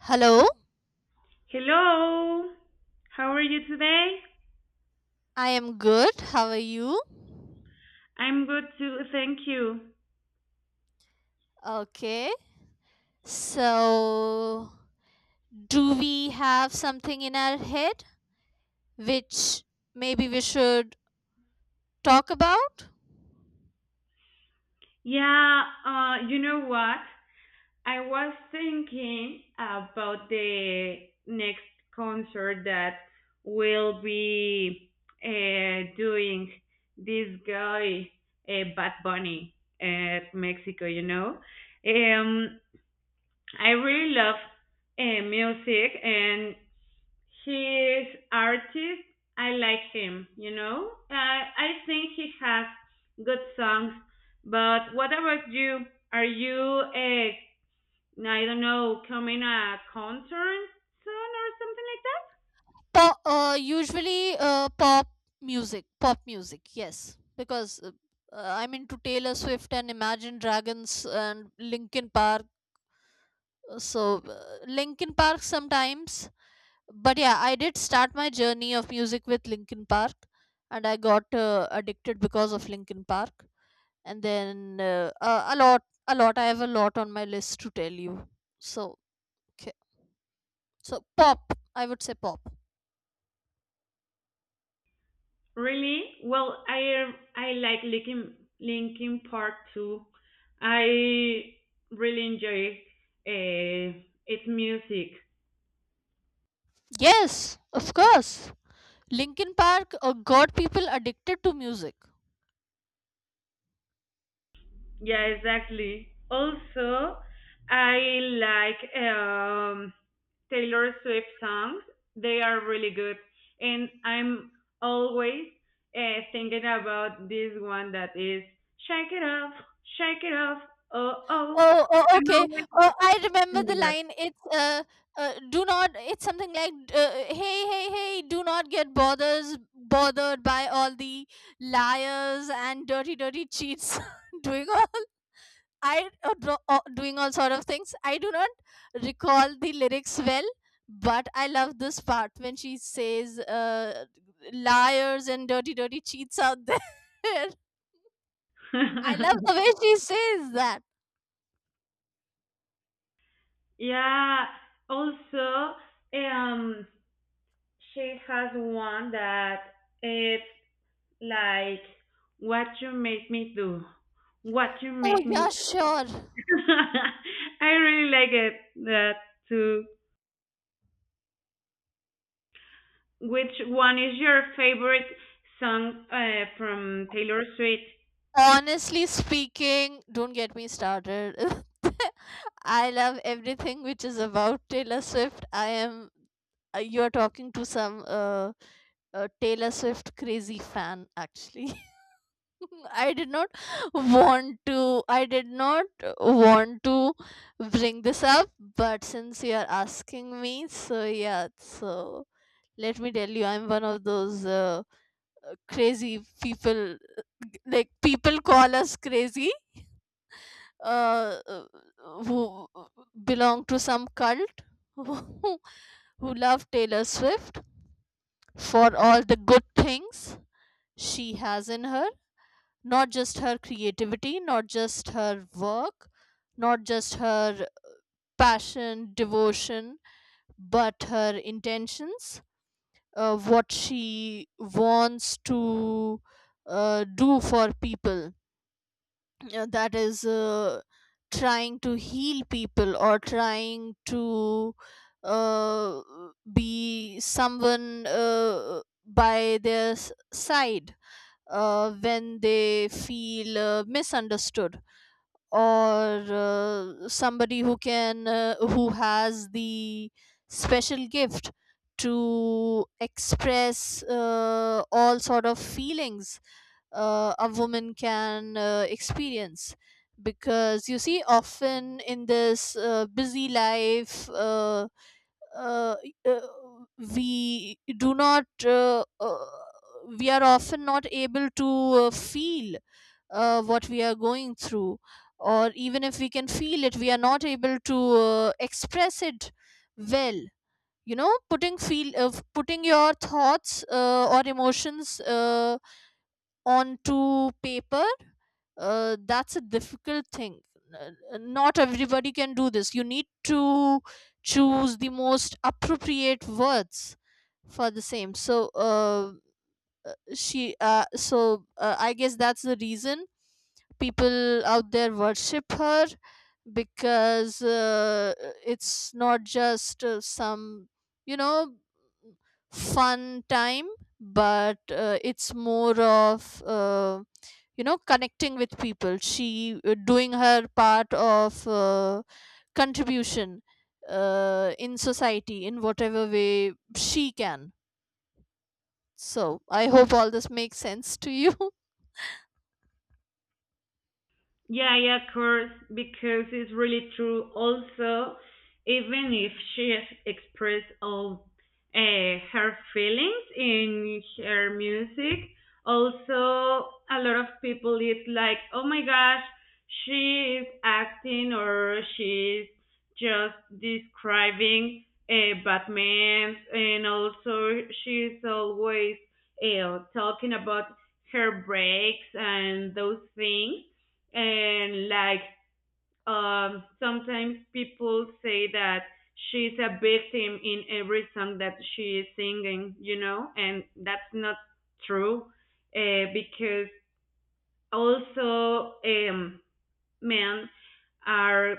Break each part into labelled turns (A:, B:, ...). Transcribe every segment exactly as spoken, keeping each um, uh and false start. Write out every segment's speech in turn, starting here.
A: Hello,
B: Hello. How are you today?
A: I am good. How are you?
B: I'm good too, thank you.
A: Okay, so do we have something in our head which maybe we should talk about?
B: Yeah, uh, you know what? I was thinking about the next concert that will be uh, doing this guy, uh, Bad Bunny, at Mexico, you know? Um, I really love uh, music, and he's artist. I like him. You know, uh, I think he has good songs. But what about you? Are you a I don't know coming a concert soon or something like
A: Pop, uh, usually uh, pop music, pop music, yes, because uh, uh, I'm into Taylor Swift and Imagine Dragons and Linkin Park. So, uh, Linkin Park sometimes, but yeah, I did start my journey of music with Linkin Park, and I got uh, addicted because of Linkin Park. And then uh, uh, a lot a lot I have a lot on my list to tell you, so okay, so pop, I would say pop.
B: that? Really? Well, I I like Linkin Linkin Park too. I really enjoy uh, its music.
A: Yes, of course, Linkin Park uh, got people addicted to music.
B: Yeah, exactly. Also, I like um, Taylor Swift songs. They are really good, and I'm always uh, thinking about this one that is "Shake It Off, Shake It Off." Oh, oh,
A: Oh, oh,
B: I'm
A: okay.
B: always
A: Oh, I remember the
B: thinking
A: line. It's uh, uh do not. It's something like, uh, hey, hey, hey, do not get bothers bothered by all the liars and dirty, dirty cheats doing all I uh, dro- uh, doing all sort of things. I do not recall the lyrics well, but I love this part when she says, uh, liars and dirty, dirty cheats out there. I love
B: that.
A: the way she says that.
B: Yeah. Also, um, she has one that it's like what you made me do what you
A: Oh
B: made me.
A: yeah, sure.
B: I really like it that too. Which one is your favorite song uh, from Taylor Swift?
A: Honestly speaking, don't get me started. I love everything which is about Taylor Swift. I am uh, You are talking to some uh, uh, Taylor Swift crazy fan actually. I did not want to I did not want to bring this up, but since you are asking me, so yeah, so let me tell you, I'm one of those uh, uh, crazy people, like people call us crazy, uh, uh, who belong to some cult, who who love Taylor Swift for all the good things she has in her, not just her creativity, not just her work, not just her passion, devotion, but her intentions, uh, what she wants to uh, do for people, uh, that is, uh, trying to heal people, or trying to uh, be someone uh, by their s- side, uh, when they feel uh, misunderstood, or uh, somebody who can, uh, who has the special gift to express uh, all sort of feelings uh, a woman can uh, experience, because you see often in this uh, busy life, uh, uh, uh, we do not, uh, uh, we are often not able to uh, feel uh, what we are going through, or even if we can feel it, we are not able to uh, express it well. You know putting feel uh, putting your thoughts, uh, or emotions, uh, onto paper, uh, that's a difficult thing. Uh, uh, Not everybody can do this. You need to choose the most appropriate words for the same, so uh, uh, she uh, so uh, I guess that's the reason people out there worship her, because uh, it's not just uh, some you know fun time, but uh, it's more of, uh, you know connecting with people. She uh, Doing her part of uh, contribution uh, in society in whatever way she can. So I hope all this makes sense to you.
B: Yeah, yeah, of course, because it's really true. Also, even if she has expressed all uh, her feelings in her music, also a lot of people is like, oh my gosh, she is acting or she's just describing uh, Batman, and also she's always uh, talking about her breaks and those things, and like, um sometimes people say that she's a victim in every song that she is singing, you know, and that's not true, uh, because also, um men are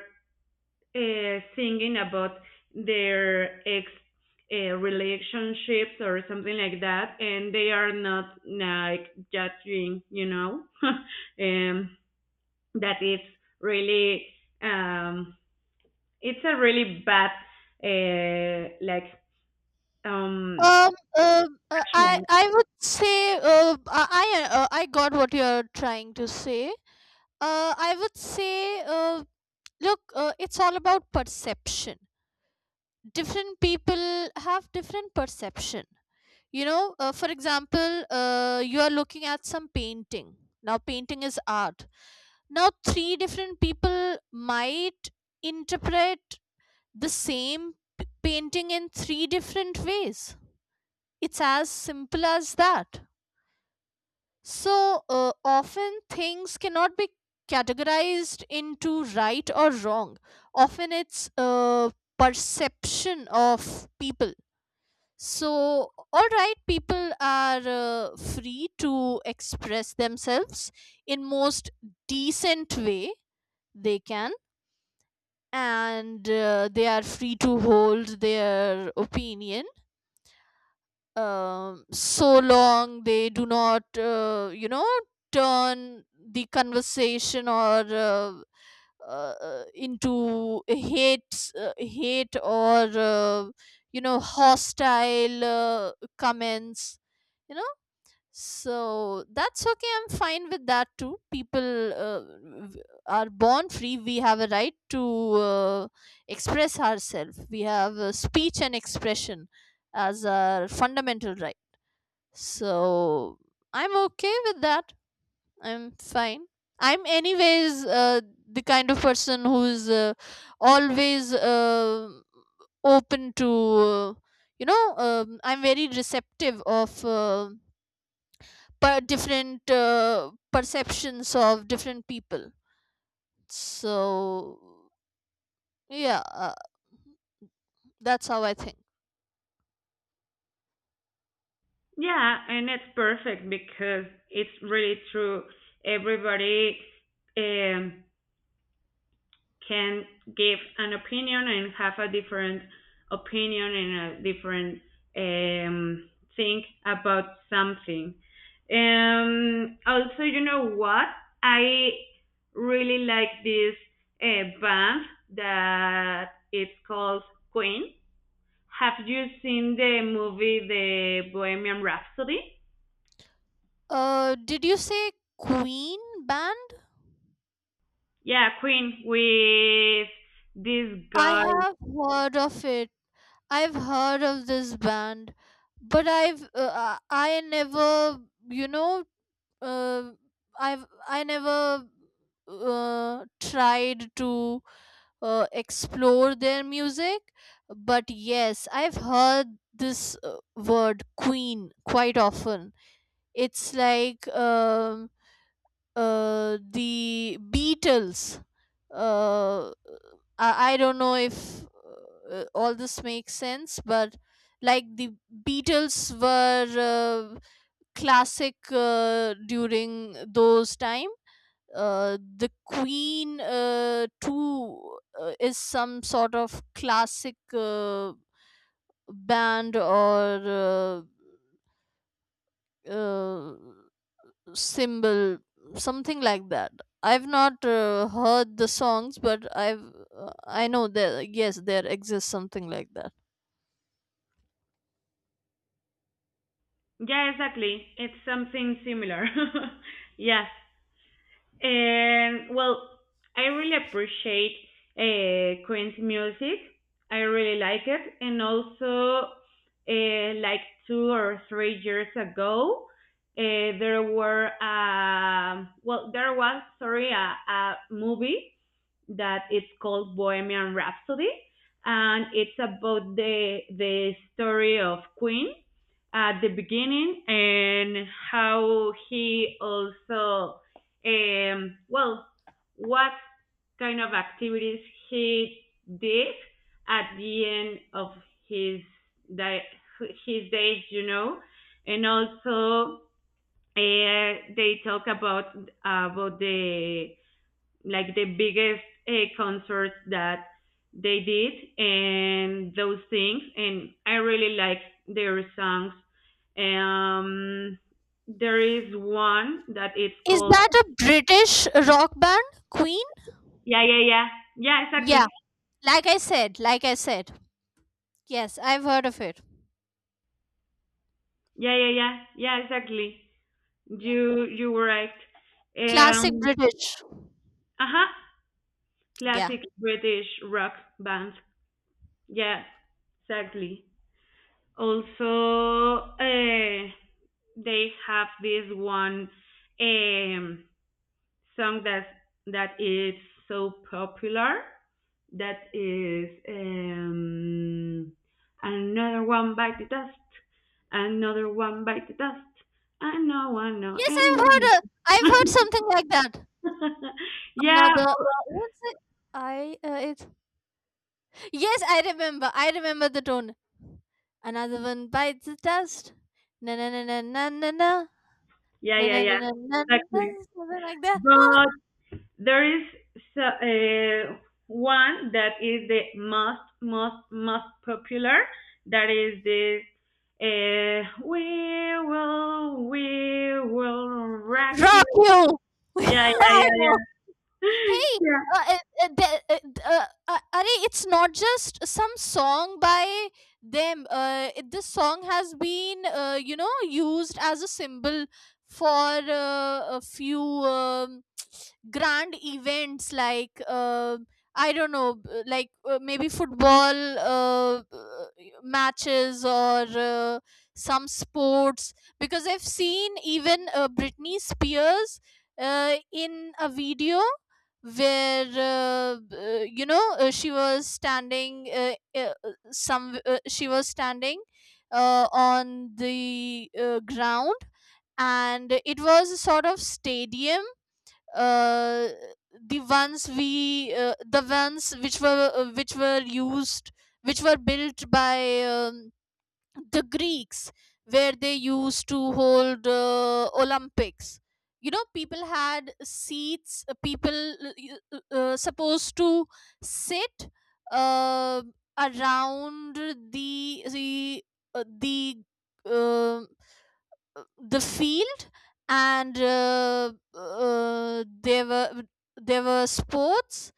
B: uh, singing about their ex uh, relationships or something like that, and they are not like judging, you know. um that it's really, um, it's a really bad, uh, like, um,
A: Um, um, uh, I I would say, uh, I I, uh, I got what you're trying to say. Uh, I would say, uh, look, uh, it's all about perception. Different people have different perception. You know, uh, for example, uh, you are looking at some painting. Now, painting is art. Now, three different people might interpret the same p- painting in three different ways. It's as simple as that. So uh, often things cannot be categorized into right or wrong. Often it's uh, perception of people. So, all right, people are uh, free to express themselves in most decent way they can, and uh, they are free to hold their opinion, um, so long they do not, uh, you know, turn the conversation, or uh, uh, into hate, uh, hate, or uh, you know, hostile uh, comments. You know, so that's okay. I'm fine with that too. People uh, v- are born free. We have a right to uh, express ourselves. We have uh, speech and expression as our fundamental right. So I'm okay with that. I'm fine. I'm, anyways, uh, the kind of person who's uh, always uh, open to, uh, you know, um, I'm very receptive of uh, per- different uh, perceptions of different people. So, yeah, uh, that's how I think.
B: yeah, and it's perfect because it's really true. Everybody, um, can give an opinion and have a different opinion and a different, um, think about something. Um, also, you know what? I really like this uh, band that it's called Queen. Have you seen the movie The Bohemian Rhapsody?
A: Uh, did you say Queen band?
B: Yeah, Queen with this
A: I
B: guy.
A: have heard of it. I've heard of this band, but I've uh, uh, I never, you know uh, I've I never uh, tried to uh, explore their music. But yes, I've heard this uh, word Queen quite often. It's like, um uh, the Beatles. Uh, I, I don't know if uh, all this makes sense, but like the Beatles were uh, classic uh, during those time. Uh, the Queen uh, too uh, is some sort of classic uh, band, or uh, uh, symbol, something like that. I've not uh, heard the songs, but i've uh, I know there, yes, there exists something like that.
B: Yeah, exactly. It's something similar. Yes. And well, I really appreciate uh, Queen's music. I really like it. And also, uh, like two or three years ago, uh, there were uh, well, there was sorry a, a movie that it's called Bohemian Rhapsody, and it's about the the story of Queen at the beginning, and how he also, um well, what kind of activities he did at the end of his day, his days, you know, and also uh, they talk about about the like the biggest uh, concerts that they did and those things. And I really like their songs. um there is one that is
A: Is
B: called.
A: that a British rock band, Queen?
B: Yeah, yeah, yeah, yeah,
A: Yeah,
B: exactly.
A: like i said like i said yes, I've heard of it.
B: Yeah, yeah, yeah, yeah, exactly.
A: Yeah.
B: you you were right.
A: Classic
B: Um,
A: British.
B: uh-huh.
A: Yeah
B: Classic British rock band. Yeah, exactly. Also, uh they have this one, um, song that that is so popular, that is, um, another one bite the dust, another one bite the dust. I know, I know,
A: yes i've heard
B: and
A: a, I've heard something like that.
B: yeah,
A: Another
B: but-
A: what's it I uh, it's Yes, I remember. I remember the tone. Another one bites the dust. Na na na na na na na.
B: yeah,
A: Na
B: yeah,
A: na na
B: yeah,
A: na na na.
B: exactly.
A: Something like that.
B: But there is so- uh, one that is the most, most, most popular. That is this. Uh, we will, we will rock you.
A: Rock you.
B: Yeah, yeah,
A: I
B: yeah,
A: know.
B: yeah,
A: hey
B: yeah,
A: uh, uh, uh, the- uh, uh, uh, Arey, it's not just some song by them. Uh, it- this song has been, uh, you know used as a symbol for uh, a few, um, grand events, like uh, I don't know, b- like uh, maybe football, uh, uh, matches, or uh, some sports, because I've seen even uh, Britney Spears uh, in a video where, uh, uh, you know uh, she was standing, uh, uh, uh, some uh, she was standing uh, on the uh, ground, and it was a sort of stadium, uh, the ones we uh, the ones which were uh, which were used, which were built by, um, the Greeks, where they used to hold uh, Olympics. You know people had seats, uh, people uh, uh, uh, supposed to sit uh, around the the uh, the uh, the field, and uh, uh, there were there were sports,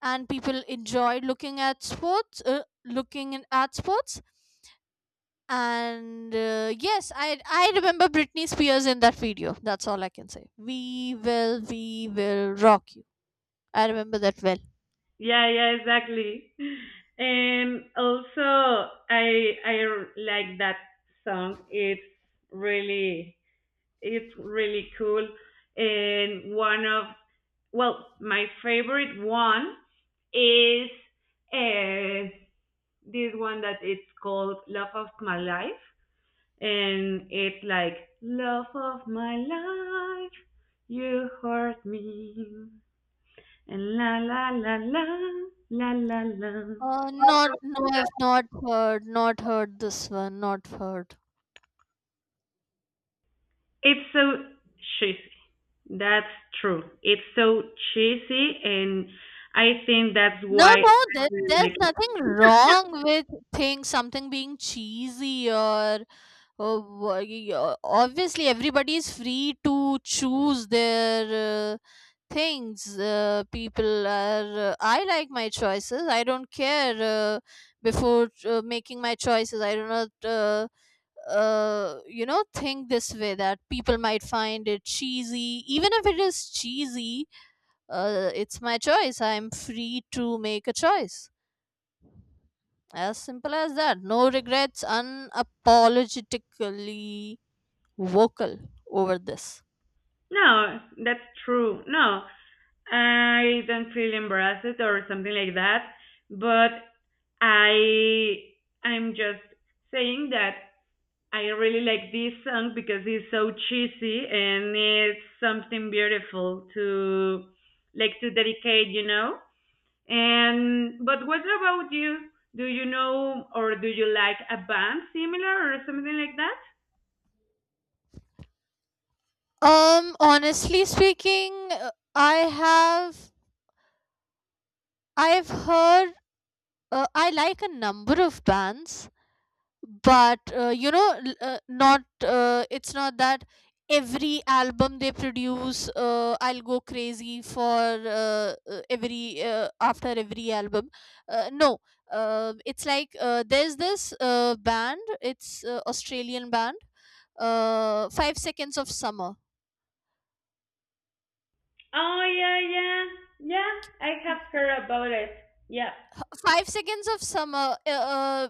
A: and people enjoyed looking at sports, uh, looking in- at sports and uh, yes, i i remember Britney Spears in that video. That's all I can say. We will we will rock you. I remember that well.
B: yeah, yeah. Exactly. And also, I I r- like that song. It's really, it's really cool. And one of, well, my favorite one is uh, this one that it's called Love of My Life. And it's like, Love of my life, you hurt me. And la la la la, la la la.
A: Uh not, no, I've not heard, not heard this one, not heard.
B: It's so cheesy. That's true. It's so cheesy, and I think that's
A: No,
B: why I
A: no, there,
B: really
A: there's
B: like it.
A: nothing wrong with things, something being cheesy, or, or wha- y- o- obviously everybody is free to choose their uh, things. Uh, people are, uh, I like my choices. I don't care. Uh, before uh, making my choices, I do not, uh, uh, you know think this way that people might find it cheesy. Even if it is cheesy, uh, it's my choice. I'm free to make a choice. As simple as that. No regrets. Unapologetically vocal over this.
B: No, that's true. No, I don't feel embarrassed or something like that, but I I'm just saying that I really like this song because it's so cheesy and it's something beautiful to like to dedicate, you know? And but what about you? Do you know or do you like a band similar or something like that?
A: Um honestly speaking, uh, i have I've heard, uh, I like a number of bands, but uh, you know, l- uh, not, uh, it's not that every album they produce, uh, I'll go crazy for, uh, uh, every, uh, after every album. Uh, no, uh, it's like uh, there's this uh, band. It's uh, Australian band. Uh, Five Seconds of Summer.
B: Oh yeah, yeah. Yeah, I have heard about it. Yeah.
A: Five Seconds of Summer. Uh, uh,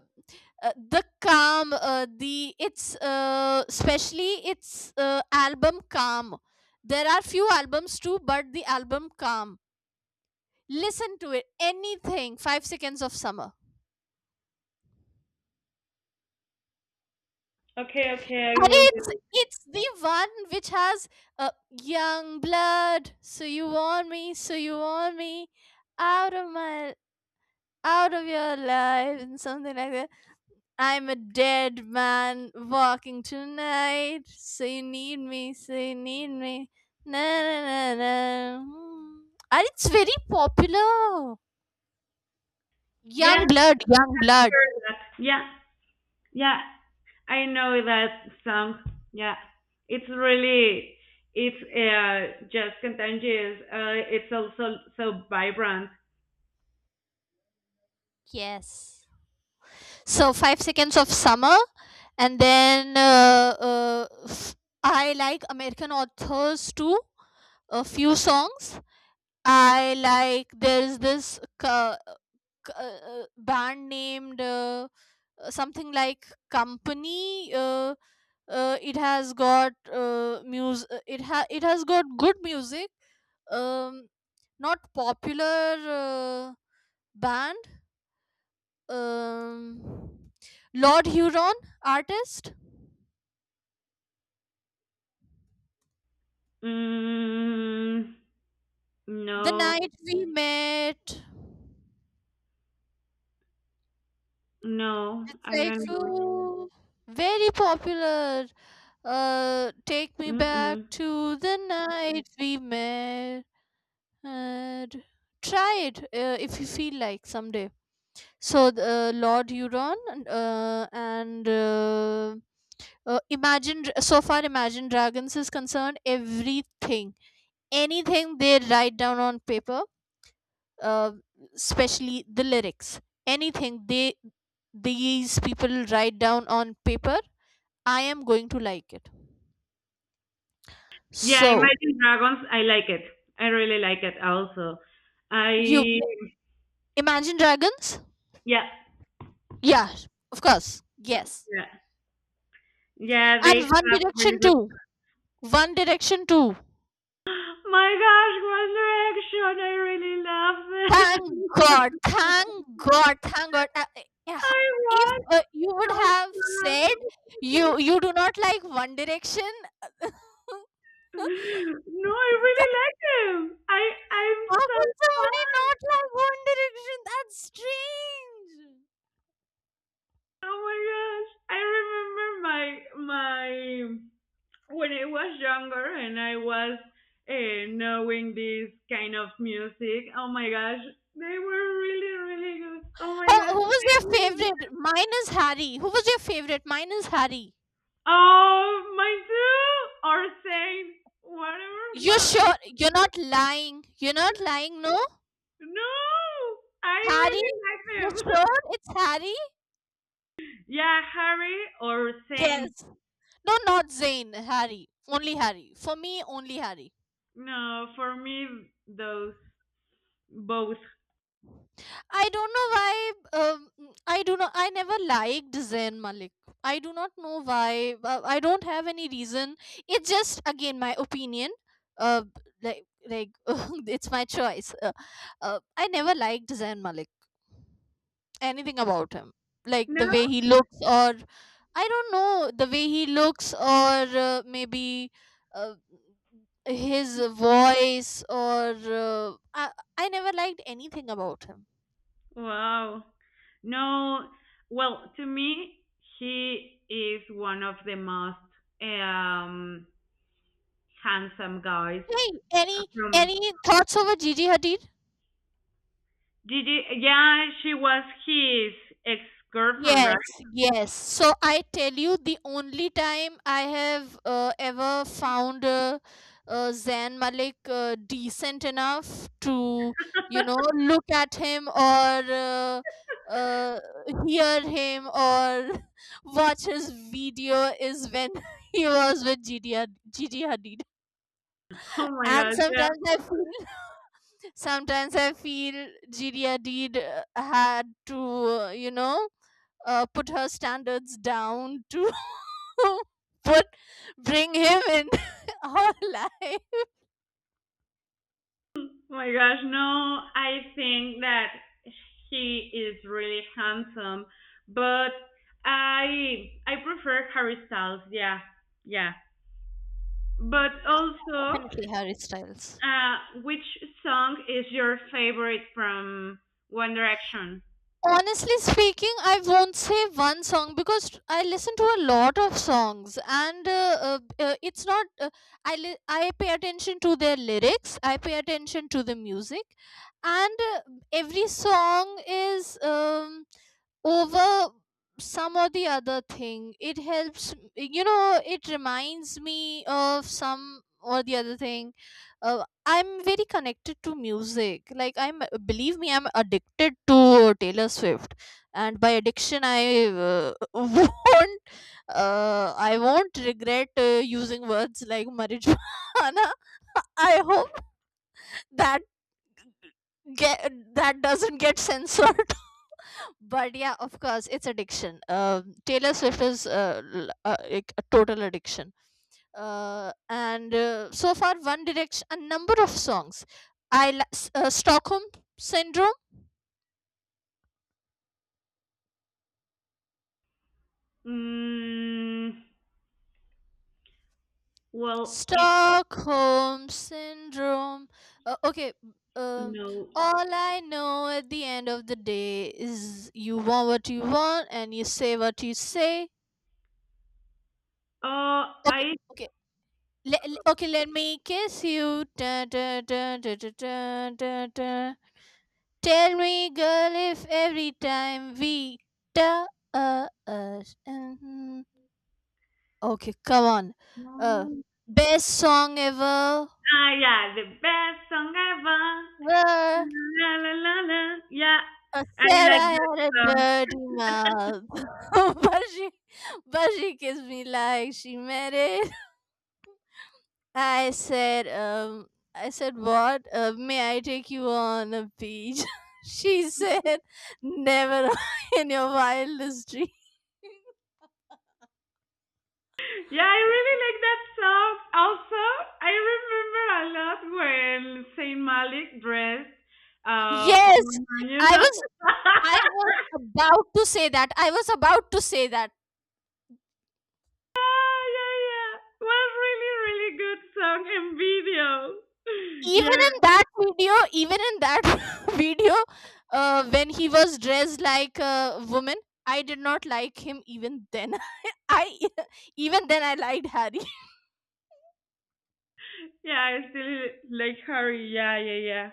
A: uh, The Calm, uh, the it's uh, especially its uh, album Calm. There are few albums too, but the album Calm, listen to it, anything five Seconds of Summer.
B: Okay, okay, I
A: Arey,
B: will do
A: it's
B: it.
A: it's the one which has uh, Young Blood. So you want me, so you want me, out of my, out of your life, and something like that. I'm a dead man walking tonight. So you need me, so you need me. Na na na na. Hmm. And it's very popular. Young
B: Yeah,
A: blood, young blood.
B: sure that, yeah, yeah, I know that song. Yeah, it's really, it's uh, just contagious. Uh, it's also so vibrant.
A: Yes. So, five seconds of summer, and then uh, uh, f- I like American authors too. A few songs. I like, there's this ca- ca- uh, band named. Uh, uh, something like Company, uh, uh, it has got uh, mus- uh, it ha- it has got good music. um Not popular uh, band. um Lord Huron, artist.
B: Mm,
A: The
B: no,
A: night we met.
B: no,
A: It's
B: I
A: like,
B: don't know.
A: oh, very popular. Uh take me back
B: Mm-mm.
A: to the night we met. And try it uh, if you feel like someday. So, the, uh, Lord Euron, uh, and uh, uh, imagine Dra- so far Imagine Dragons is concerned, everything, anything they write down on paper, uh, especially the lyrics, anything they, these people, write down on paper, I am going to like it,
B: Yeah,
A: so.
B: Imagine Dragons. I like it. I really like it. Also,
A: You.
B: I,
A: Imagine Dragons.
B: yeah,
A: Yeah, of course, yes.
B: yeah, yeah. They
A: And One
B: have really
A: Direction
B: good.
A: too, One Direction too.
B: My gosh, One Direction. I really
A: Thank
B: love
A: God,
B: them.
A: thank God, thank God. Uh, uh, yeah,
B: I
A: If
B: was
A: uh, you would
B: so
A: have said
B: sad.
A: you you do not like One Direction,
B: No, I really like him. I I'm
A: how can
B: so
A: somebody
B: fun.
A: not like One Direction? That's strange. Oh,
B: Oh my gosh. I remember my my when I was younger and I was uh, knowing this kind of music. Oh my gosh. They were really really good. Oh my
A: who
B: gosh.
A: was your favorite? Mine is Harry. Who was your favorite? Mine is Harry.
B: Oh my two, or same. Whatever
A: You
B: was.
A: sure? You're not lying. You're not lying, no?
B: No, I
A: Harry?
B: really like
A: You
B: them.
A: sure it's Harry?
B: Yeah, Harry or Saint.
A: Yes. No, not Zayn. Harry. Only Harry. For me, only Harry.
B: No, for me, those both.
A: I don't know why. Um, mm, I do not. I never liked Zayn Malik. I do not know why. uh, I don't have any reason. It's just again my opinion. Uh, like like it's my choice. Uh, uh, I never liked Zayn Malik. Anything about him, like
B: No?
A: the way he looks, or I don't know the way he looks, or uh, maybe. Uh, his voice or uh, I, I never liked anything about him.
B: Wow. No. Well, to me, he is one of the most, um, handsome guys
A: Hey, any
B: from.
A: any thoughts over Gigi Hadid?
B: Did you, yeah, she was his ex girlfriend,
A: Yes,
B: right?
A: yes. So I tell you, the only time I have uh, ever found uh, uh, Zayn Malik uh, decent enough to, you know, look at him or uh, uh, hear him or watch his video is when he was with Gigi Had- Gigi Hadid.
B: Oh my
A: And
B: God, yeah.
A: sometimes I feel sometimes I feel Jiria Deed uh, had to, uh, you know, uh, put her standards down to put bring him in her life.
B: Oh my gosh, no, I think that he is really handsome, but I I prefer Harry Styles. Yeah, yeah. But
A: Yeah,
B: also,
A: definitely Harry Styles.
B: uh, which song is your favorite from One Direction?
A: Honestly speaking, I won't say one song because I listen to a lot of songs, and uh, uh, b- uh, it's not. Uh, I li- I pay attention to their lyrics. I pay attention to the music, and uh, every song is um, over some or the other thing. It helps, you know. It reminds me of some or the other thing. uh, I'm very connected to music. Like I'm, believe me, I'm addicted to Taylor Swift, and by addiction, I uh, won't, uh, I won't regret uh, using words like marijuana. I hope that get that doesn't get censored. But yeah, of course, it's addiction. Um, Taylor Swift is uh, l- uh, like a total addiction uh, and uh, so far one direction a number of songs i li- s- uh, stockholm syndrome
B: Mm, well, eh,
A: stockholm syndrome uh, okay, um,
B: no.
A: all I know at the end of the day is you want what you want and you say what you say
B: Oh,
A: okay
B: I.
A: okay le- le- okay let me kiss you da, da, da, da, da, da, da, da. Tell me, girl, if every time we touch. Mhm. Okay, come on. Uh, best song ever.
B: Ah, yeah, the best song ever.
A: Well,
B: La la la la. Yeah,
A: uh,
B: I like
A: Sarah
B: that
A: had a
B: song.
A: dirty mouth, but she, but she kissed me like she meant it. I said, um, I said, what? Uh, may I take you on a beach? She said, never in your wildest dreams.
B: Yeah, I really like that song. Also, I remember a lot when Saint Malik dressed up.
A: Yes,
B: You
A: I
B: know,
A: was I was about to say that. I was about to say that.
B: yeah, yeah, yeah. Was really, really good song and video.
A: Even
B: Yeah,
A: in that video, even in that video, uh, when he was dressed like a woman, I did not like him even then. I even then I liked Harry.
B: yeah. I still like Harry. Yeah, yeah, yeah.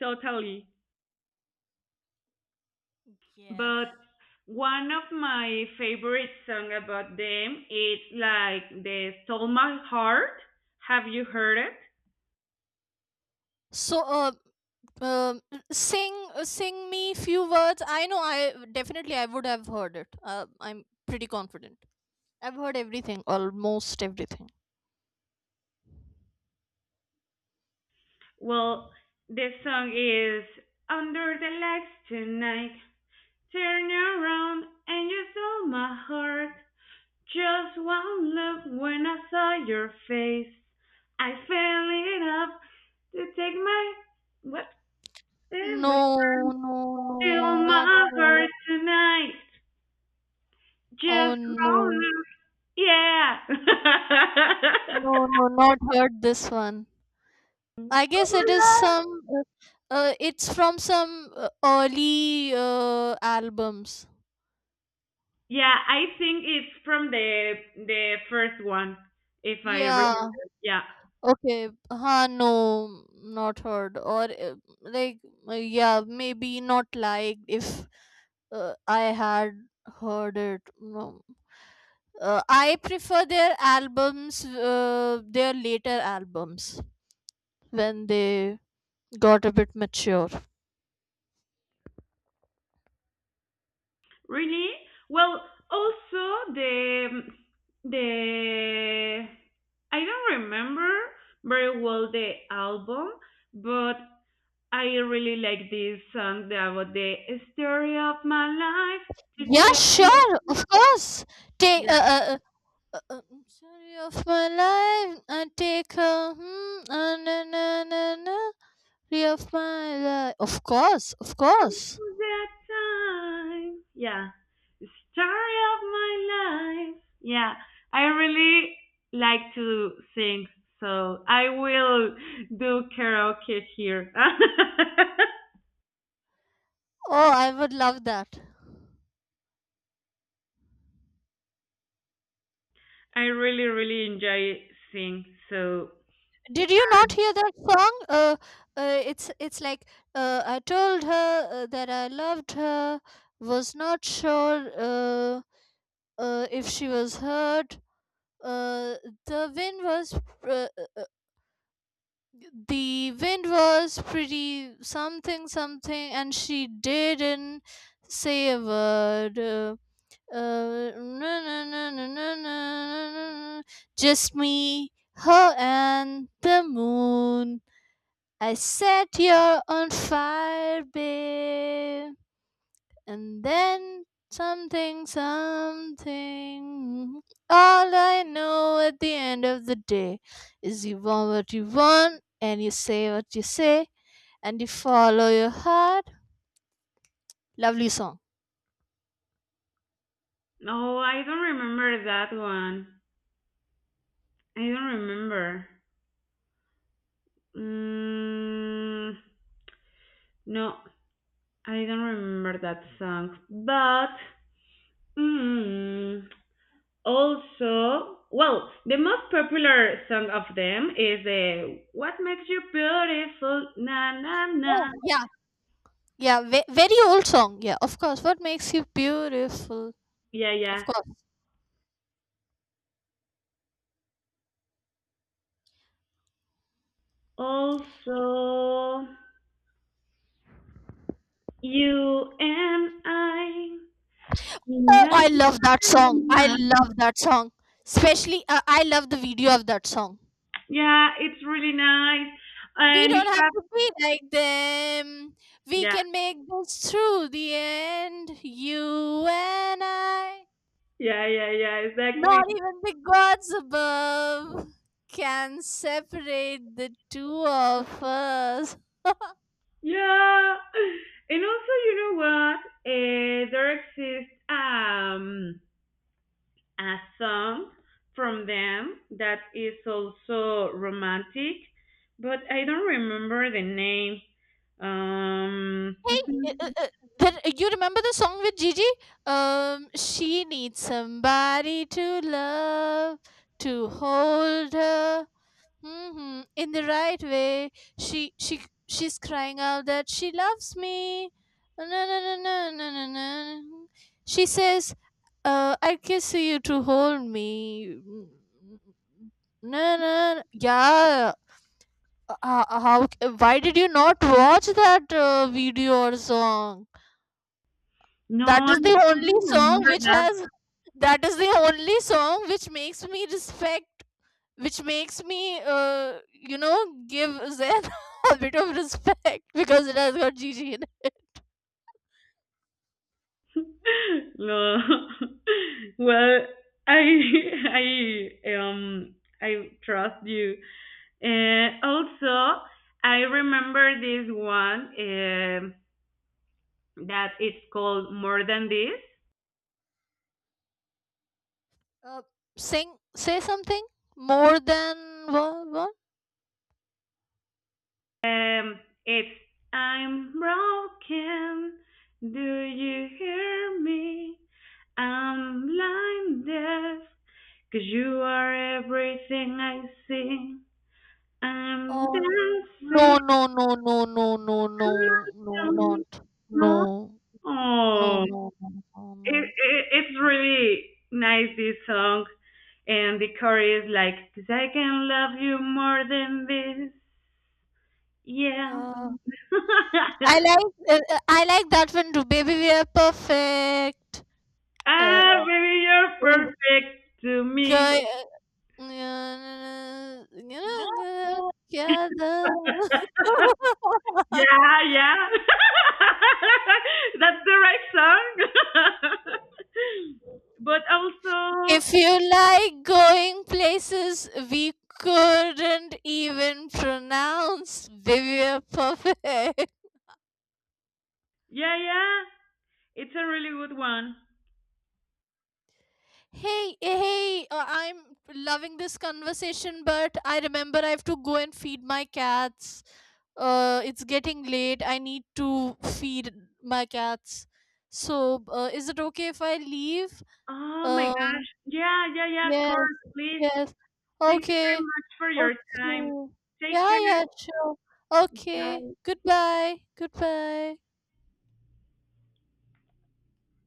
B: Totally.
A: Yes.
B: But one of my favorite song about them is like the "Stole My Heart." Have you heard it?
A: So, uh, um sing sing me few words. I know I definitely I would have heard it. Uh, I'm pretty confident. I've heard everything, almost everything.
B: Well, the song is Under the Lights Tonight. Turn around and you stole my heart. Just one look when I saw your face. I fell it up to take my what every
A: No,
B: time
A: no,
B: steal
A: no, not
B: my
A: heard.
B: heart tonight.
A: Oh
B: Just one
A: no,
B: look, yeah. Oh
A: no, no, not heard this one. I guess
B: my
A: it is
B: god.
A: some. Uh, uh, it's from some uh, early uh, albums.
B: Yeah, I think it's from the the first one, if I remember.
A: Yeah.
B: Yeah,
A: Okay. Huh. No, not heard. Or uh, like, uh, yeah, maybe not liked if uh, I had heard it. No, Uh, I prefer their albums, uh, their later albums when they got a bit mature.
B: really. Well, also the the I don't remember very well the album, but I really like this song about the story of my life to
A: Yeah,
B: tell
A: sure, of course. Take uh,
B: you.
A: uh, uh, uh, uh, story of my life. I take a hmm, uh, na, na, na, na. Story of my life. Of course, of course.
B: That time. Yeah. The story of my life. Yeah. I really like to sing, so I will do karaoke here.
A: Oh, I would love that.
B: I really, really enjoy sing, so.
A: Did you not hear that song? Uh, uh, it's it's like uh, I told her uh, that I loved her, was not sure uh, uh, if she was hurt. Uh, the wind was uh, uh, the wind was pretty something something, and she didn't say a word. Uh, Uh, na, na, na, na, na, na, na. Just me, her, and the moon. I set you on fire, babe. And then something, something. All I know at the end of the day is you want what you want, and you say what you say, and you follow your heart. Lovely song.
B: No, oh, I don't remember that one. I don't remember. Mm, no, I don't remember that song. But mm, also, well, the most popular song of them is the What Makes You Beautiful, na na na.
A: Oh, yeah. Yeah, ve- very old song. Yeah, of course. What makes you beautiful?
B: Yeah, yeah.
A: Of course.
B: Also, you and I.
A: Oh,
B: La,
A: I love that song. I
B: la,
A: love that song. Especially, uh, I love the video of that song.
B: yeah, it's really nice.
A: We
B: And it
A: don't have
B: has,
A: to be like them. We
B: yeah,
A: can make this through the end. You and I.
B: yeah, yeah, yeah,
A: Not
B: exactly.
A: even the gods above can separate the two of us.
B: Yeah. And also, you know what? Uh, there exists um a song from them that is also romantic, but I don't remember the name. Um,
A: Hey, uh, uh, uh, the, you remember the song with Gigi? Um, she needs somebody to love, to hold her, hmm, in the right way, she she she's crying out that she loves me. No, no, no, no, no, no, no. She says, uh, "I kiss you to hold me." No, no. Yeah. Uh, uh, how? Why did you not watch that uh, video or song?
B: no,
A: That
B: I
A: is the
B: don't
A: only song
B: remember
A: which
B: that.
A: has. That is the only song which makes me respect which makes me uh, you know give zen a bit of respect because it has got gg in it.
B: No. Well, I I um I trust you. Uh, also, I remember this one um that it's called More Than This.
A: uh, sing say something more than what, what?
B: Um, it's I'm broken. Do you hear me? I'm blind deaf, 'cause you are everything I see. I'm
A: Or no,
B: dancing.
A: no, no, no, no, no, no, no,
B: I
A: not
B: don't
A: no,
B: know.
A: no,
B: Oh,
A: no, no, no,
B: it,
A: no.
B: it, it's really nice, this song. And the chorus is like, 'cause I can love you more than this. Yeah.
A: uh, I like uh, uh, I like that one too. Baby, we are perfect. Uh,
B: Ah, yeah. Baby, you're
A: eh,
B: perfect to me.
A: guy, uh, you know, together.
B: Yeah, yeah. That's the right song. But also,
A: If you like going places we couldn't even pronounce, we were perfect.
B: yeah, yeah. It's a really good one.
A: Hey, hey, uh, I'm loving this conversation, but I remember I have to go and feed my cats. Uh, it's getting late. I need to feed my cats. So, uh, is it okay if I leave?
B: Oh my God.
A: Um,
B: Yeah, yeah, yeah. Of
A: Yes,
B: course, please.
A: yes.
B: Thank you very
A: Okay.
B: much for your time.
A: Okay.
B: Take
A: Yeah,
B: care.
A: yeah, sure. Okay. Goodbye. Goodbye.